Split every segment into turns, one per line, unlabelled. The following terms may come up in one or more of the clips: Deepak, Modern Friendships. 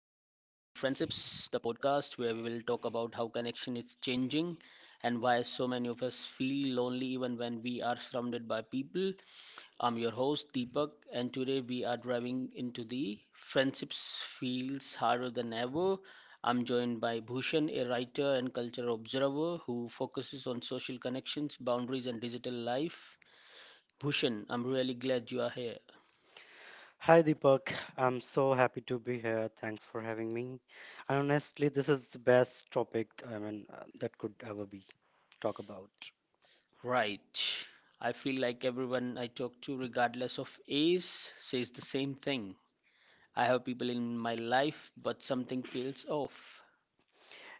Friendships, the podcast where we will talk about how connection is changing and why so many of us feel lonely even when we are surrounded by people. I'm your host, Deepak, and today we are driving into the friendships feels harder than ever. I'm joined by Bhushan, a writer and cultural observer who focuses on social connections, boundaries, and digital life. Bhushan, I'm really glad you are here.
Hi Deepak, I'm so happy to be here. Thanks for having me. And honestly, this is the best topic I mean that could ever be talk about.
Right. I feel like everyone I talk to, regardless of age, says the same thing. I have people in my life, but something feels off.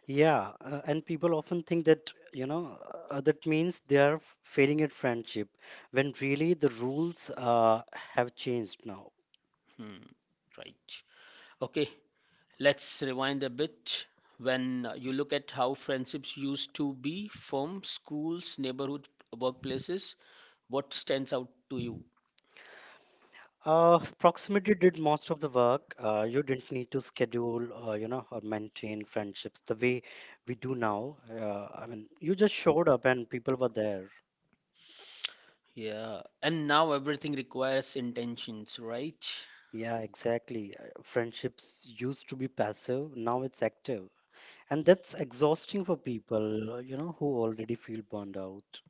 Yeah, and people often think that you know that means they are failing at friendship, when really the rules have changed now.
Hmm. Right. Okay, let's rewind a bit. When you look at how friendships used to be from schools, neighborhood, workplaces, what stands out to you?
Proximity did most of the work. You didn't need to schedule, you know, or maintain friendships the way we do now. I mean, you just showed up and people were there.
Yeah, and now everything requires intentions, right?
Yeah, exactly. Friendships used to be passive, now it's active. And that's exhausting for people, you know, who already feel burned out.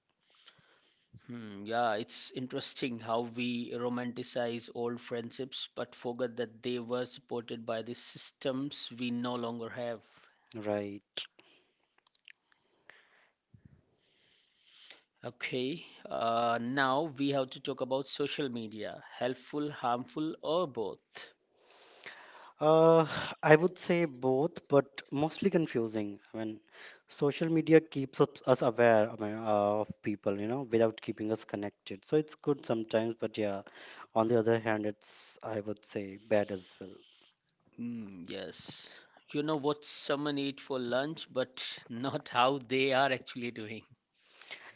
Hmm, yeah, it's interesting how we romanticize old friendships but forget that they were supported by the systems we no longer have.
Right.
Okay, now we have to talk about social media, helpful, harmful, or both.
Uh, I would say both, but mostly confusing. I mean, social media keeps us aware, I mean, of people, you know, without keeping us connected. So it's good sometimes, but yeah, on the other hand, it's, I would say, bad as well.
Hmm, yes. You know what someone ate for lunch, but not how they are actually doing.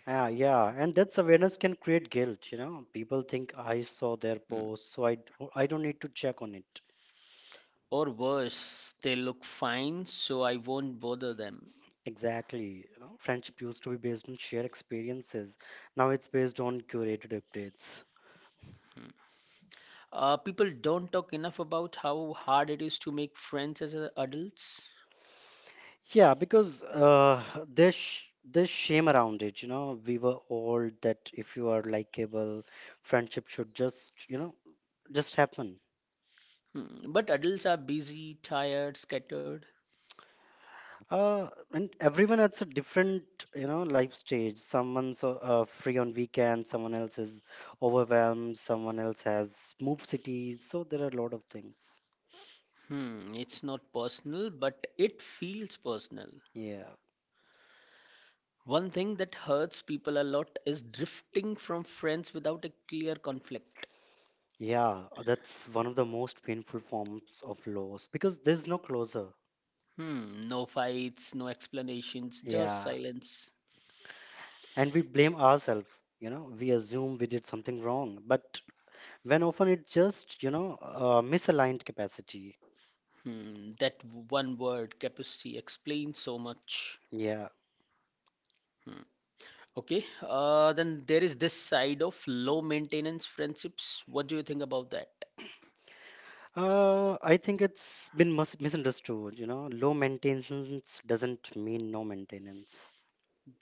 Ah, yeah, and that's awareness can create guilt, you know. People think I saw their post, so I don't need to check on it.
Or worse, they look fine, so I won't bother them.
Exactly. You know, friendship used to be based on shared experiences. Now it's based on curated updates.
People don't talk enough about how hard it is to make friends as adults.
Yeah, because there's there's shame around it. You know, we were all that if you are likable, friendship should just you know just happen.
Hmm. But adults are busy, tired, scattered.
And everyone has a different, you know, life stage. Someone's free on weekends, someone else is overwhelmed, someone else has moved cities. So there are a lot of things.
Hmm. It's not personal, but it feels personal.
Yeah.
One thing that hurts people a lot is drifting from friends without a clear conflict.
Yeah, that's one of the most painful forms of loss because there's no closure.
Hmm. No fights, no explanations, just
Yeah.
silence.
And we blame ourselves, you know, we assume we did something wrong, but when often it's just, you know, misaligned capacity.
Hmm. That one word, capacity, explains so much.
Yeah.
Hmm. Okay, then there is this side of low maintenance friendships. What do you think about that?
I think it's been misunderstood. You know, low maintenance doesn't mean no maintenance.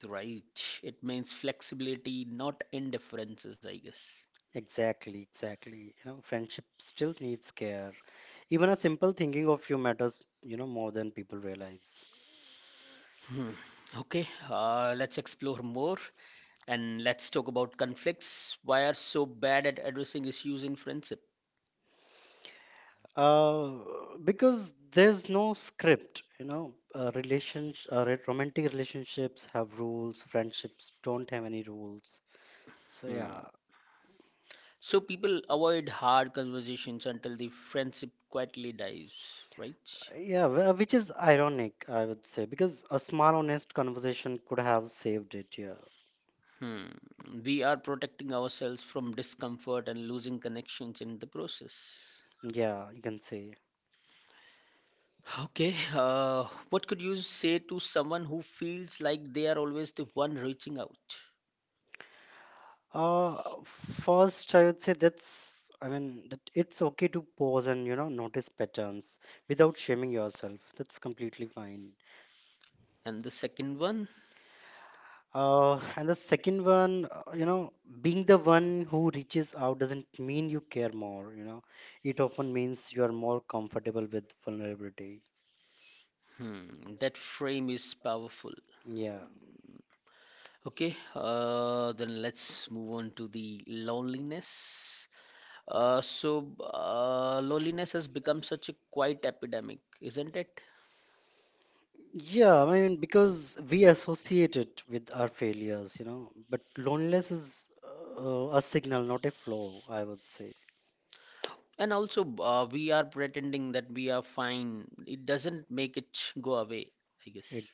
Right, it means flexibility, not indifferences, I guess.
Exactly, exactly. You know, friendship still needs care. Even a simple thinking of you matters, you know, more than people realize.
Hmm. Okay, let's explore more and let's talk about conflicts. Why are so bad at addressing issues in friendship?
Uh, because there's no script, you know, relations, romantic relationships have rules, friendships don't have any rules. So,
Hmm.
yeah.
So people avoid hard conversations until the friendship quietly dies, right?
Yeah, which is ironic, I would say, because a small, honest conversation could have saved it. Yeah,
Hmm. We are protecting ourselves from discomfort and losing connections in the process.
yeah, you can say.
Okay, what could you say to someone who feels like they are always the one reaching out?
First, I would say that's. I mean, that it's okay to pause and you know notice patterns without shaming yourself. That's completely fine.
And the second one,
And the second one, you know, being the one who reaches out doesn't mean you care more. You know, it often means you are more comfortable with vulnerability.
hmm, that frame is powerful.
Yeah.
Okay, then let's move on to the loneliness. Loneliness has become such a quiet epidemic, isn't it?
Yeah, I mean, because we associate it with our failures, you know, but loneliness is a signal, not a flaw, I would say.
And also, we are pretending that we are fine. It doesn't make it go away, I guess.
It,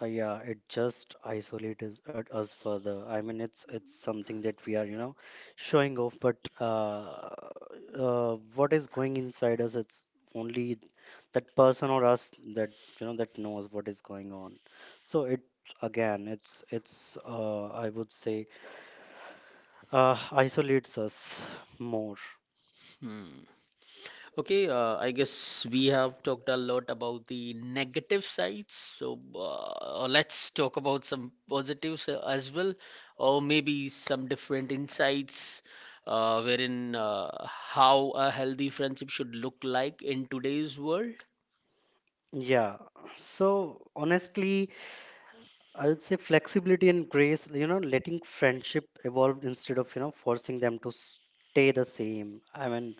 yeah, it just isolates us, at us further. I mean, it's something that we are, you know, showing off, but what is going inside us, it's only that person or us that, you know, that knows what is going on. So it, again, it's I would say isolates us more.
Hmm. Okay, I guess we have talked a lot about the negative sides. So let's talk about some positives as well, or maybe some different insights wherein how a healthy friendship should look like in today's world.
Yeah. So honestly, I would say flexibility and grace, you know, letting friendship evolve instead of, you know, forcing them to stay the same. I mean,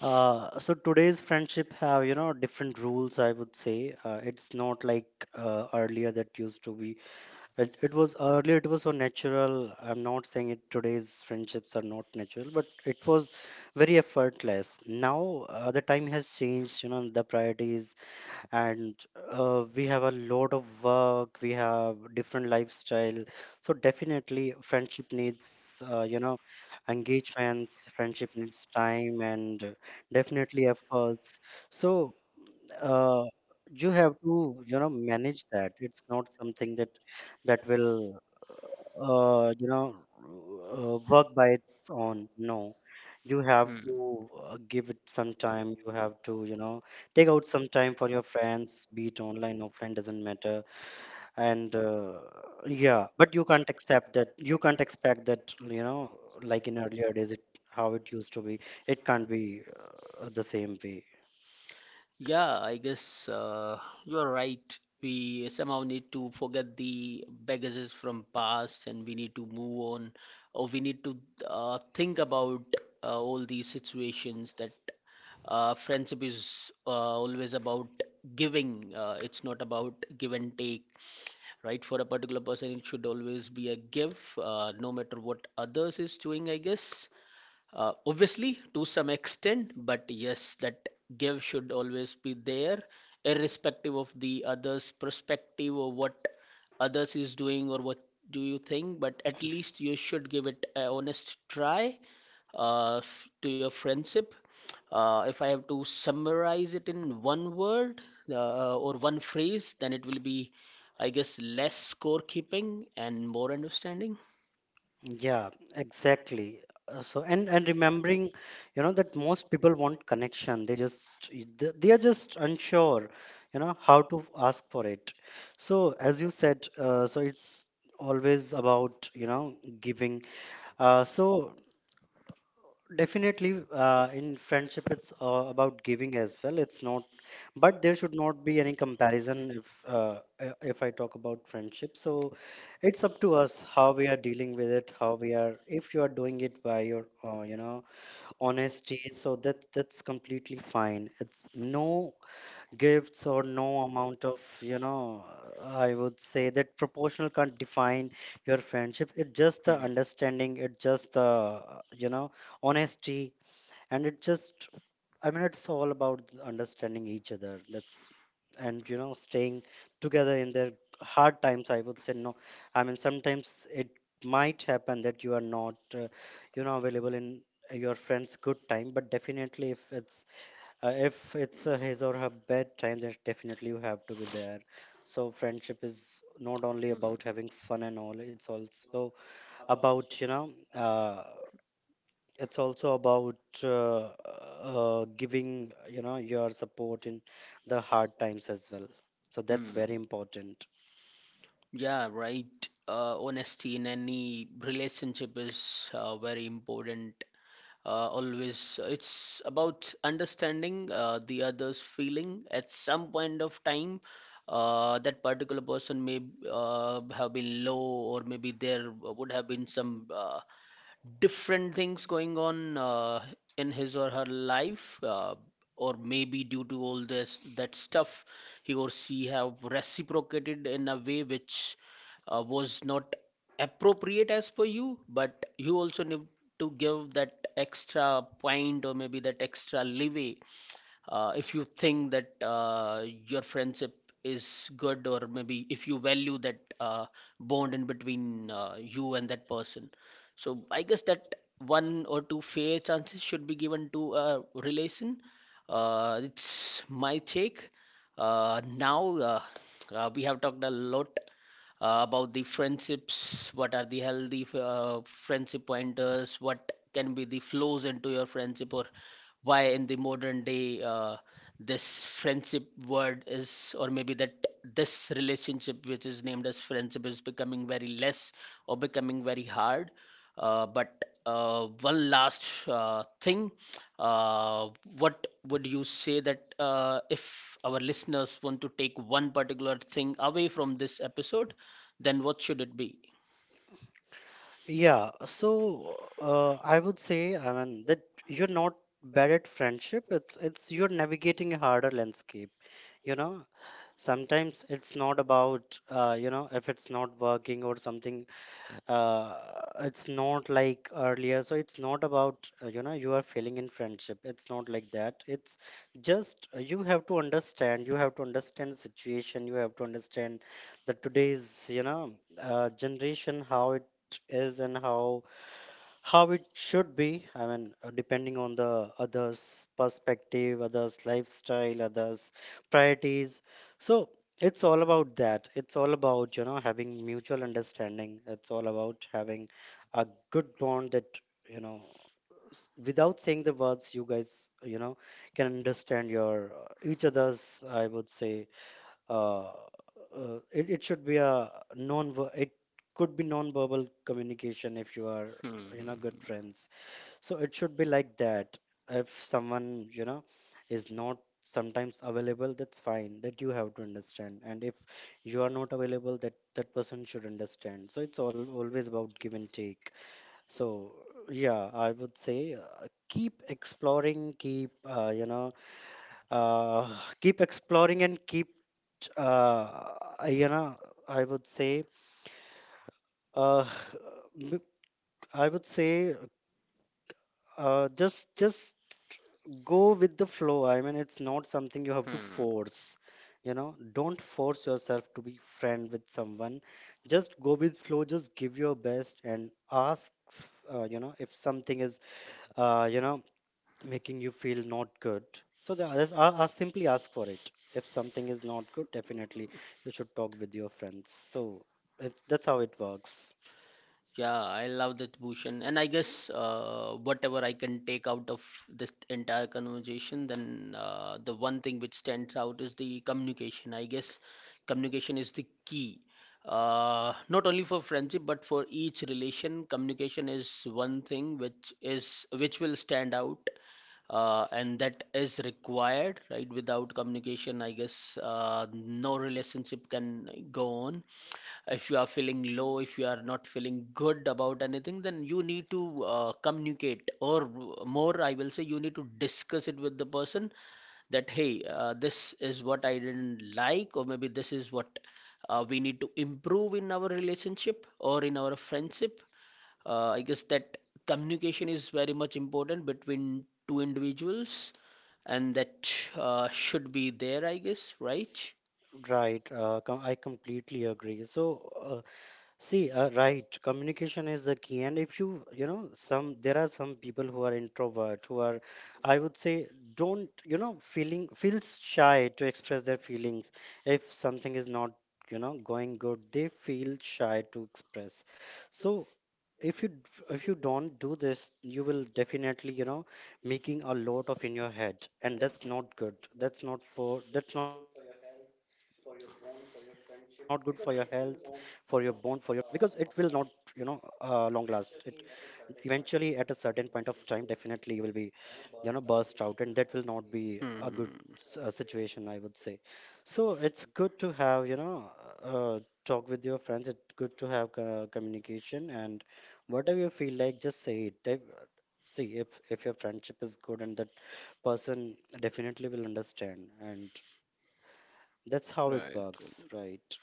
so today's friendship have, you know, different rules, I would say. It's not like earlier that used to be. It was earlier, it was so natural. I'm not saying it today's friendships are not natural, but it was very effortless. Now, the time has changed, you know, the priorities, and we have a lot of work, we have different lifestyle. So, definitely, friendship needs, you know, engagements, friendship needs time, and definitely efforts. So, uh, you have to, you know, manage that. It's not something that will you know, work by its own. No, you have
Hmm.
to give it some time. You have to, you know, take out some time for your friends, be it online, offline, doesn't matter. And yeah, but you can't accept that. You can't expect that, you know, like in earlier days, it how it used to be. It can't be the same way.
Yeah, I guess you're right. We somehow need to forget the baggages from past and we need to move on or we need to think about all these situations that friendship is always about giving. It's not about give and take, right? For a particular person, it should always be a give, no matter what others is doing, I guess. Obviously, to some extent, but yes, that give should always be there, irrespective of the other's perspective or what others is doing or what do you think. But at least you should give it a honest try to your friendship. If I have to summarize it in one word or one phrase, then it will be, I guess, less scorekeeping and more understanding.
Yeah, exactly. So and remembering, you know, that most people want connection. They just they are just unsure, you know, how to ask for it. So as you said, so it's always about, you know, giving. So definitely, in friendship, it's about giving as well. It's not, but there should not be any comparison if I talk about friendship. So it's up to us how we are dealing with it, how we are. If you are doing it by your, you know, honesty, so that's completely fine. It's no gifts or no amount of, you know, I would say that proportional can't define your friendship. It's just the
Hmm.
understanding. It's just the, you know, honesty and it just I mean it's all about understanding each other, that's and you know staying together in their hard times, I would say. No, I mean sometimes it might happen that you are not you know available in your friend's good time, but definitely if it's his or her bad time, then definitely you have to be there. So friendship is not only
Mm.
about having fun and all, it's also about you know it's also about uh, giving you know your support in the hard times as well. So that's
Mm.
very important.
Yeah, right. Honesty in any relationship is very important. Always, it's about understanding the other's feeling at some point of time. That particular person may have been low, or maybe there would have been some uh, different things going on in his or her life or maybe due to all this that stuff he or she have reciprocated in a way which was not appropriate as per you, but you also need to give that extra point or maybe that extra leeway if you think that your friendship is good or maybe if you value that bond in between you and that person. So I guess that one or two fair chances should be given to a relation. It's my take. Now we have talked a lot about the friendships, what are the healthy friendship pointers, what can be the flows into your friendship, or why in the modern day this friendship word is, or maybe that this relationship which is named as friendship is becoming very less or becoming very hard. But one last thing, uh, what would you say that if our listeners want to take one particular thing away from this episode, then what should it be?
Yeah, so I would say I mean that you're not bad at friendship, it's you're navigating a harder landscape, you know. Sometimes it's not about you know if it's not working or something, uh, it's not like earlier. So it's not about you know you are failing in friendship, it's not like that. It's just you have to understand, you have to understand the situation, you have to understand that today's you know generation how it is and how it should be. I mean depending on the others perspective, others lifestyle, others priorities. So it's all about that, it's all about you know having mutual understanding, it's all about having a good bond that you know without saying the words you guys you know can understand your each other's, I would say uh, it should be a non, it could be non-verbal communication if you are
Hmm.
you know good friends. So it should be like that. If someone you know is not sometimes available, that's fine, that you have to understand, and if you are not available, that that person should understand. So it's all always about give and take. So yeah, I would say keep exploring, keep you know keep exploring and keep uh, you know, I would say, uh, m- I would say, just go with the flow. I mean, it's not something you have to
Hmm.
force. You know, don't force yourself to be friend with someone. Just go with flow. Just give your best and ask. You know, if something is, you know, making you feel not good. So the others are simply ask for it. If something is not good, definitely you should talk with your friends. So it's that's how it works,
Yeah, I love that, Bhushan. And I guess whatever I can take out of this entire conversation, then the one thing which stands out is the communication. I guess communication is the key. Not only for friendship, but for each relation, communication is one thing which is which will stand out, and that is required, right? Without communication, I guess no relationship can go on. If you are feeling low, if you are not feeling good about anything, then you need to communicate, or more, I will say, you need to discuss it with the person that, hey, this is what I didn't like, or maybe this is what we need to improve in our relationship or in our friendship. I guess that communication is very much important between two individuals, and that should be there, I guess, right?
right? I completely agree. So see, right, communication is the key. And if you, you know, some, there are some people who are introvert, who are, I would say, don't, you know, feels shy to express their feelings. If something is not, you know, going good, they feel shy to express. So, if you d- if you don't do this you will definitely you know making a lot of in your head, and that's not good, that's not good for your health, for your bone, for your, because it will not you know long last. It eventually at a certain point of time definitely you will be you know burst out, and that will not be a good
Hmm.
situation, I would say. So it's good to have you know uh, talk with your friends, it's good to have communication, and whatever you feel like just say it. See, if your friendship is good and that person definitely will understand, and that's how it works, right?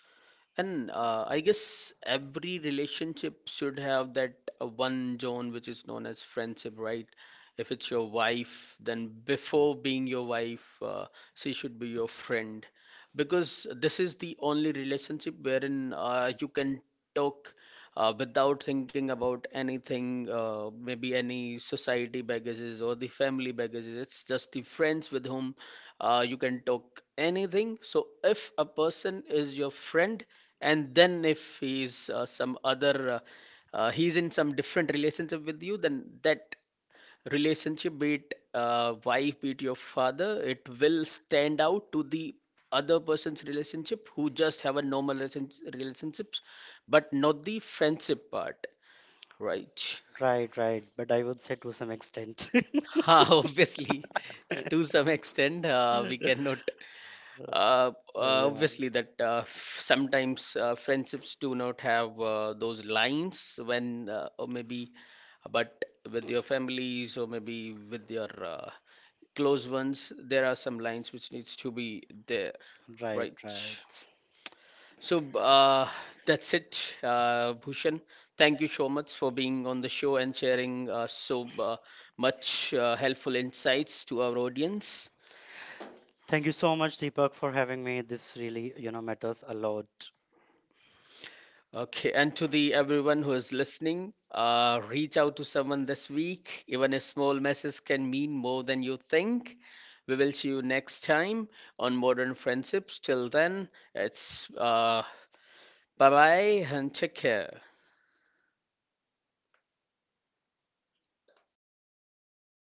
And I guess every relationship should have that one zone which is known as friendship, right? If it's your wife, then before being your wife, she should be your friend. Because this is the only relationship wherein you can talk without thinking about anything, maybe any society baggages or the family baggages. It's just the friends with whom you can talk anything. So if a person is your friend, and then if he's some other he's in some different relationship with you, then that relationship, be it wife, be it your father, it will stand out to the other person's relationship who just have a normal relationships, but not the friendship part, right?
Right, right. But I would say to some extent.
Ha, obviously to some extent we
Yeah.
cannot. Obviously, that sometimes friendships do not have those lines when, or maybe, but with your families or maybe with your close ones, there are some lines which needs to be there,
Right,
right?
right.
So that's it, Bhushan. Thank you so much for being on the show and sharing so much helpful insights to our audience.
Thank you so much, Deepak, for having me. This really, you know, matters a lot.
Okay, and to the everyone who is listening, reach out to someone this week. Even a small message can mean more than you think. We will see you next time on Modern Friendships. Till then, it's bye bye and take care.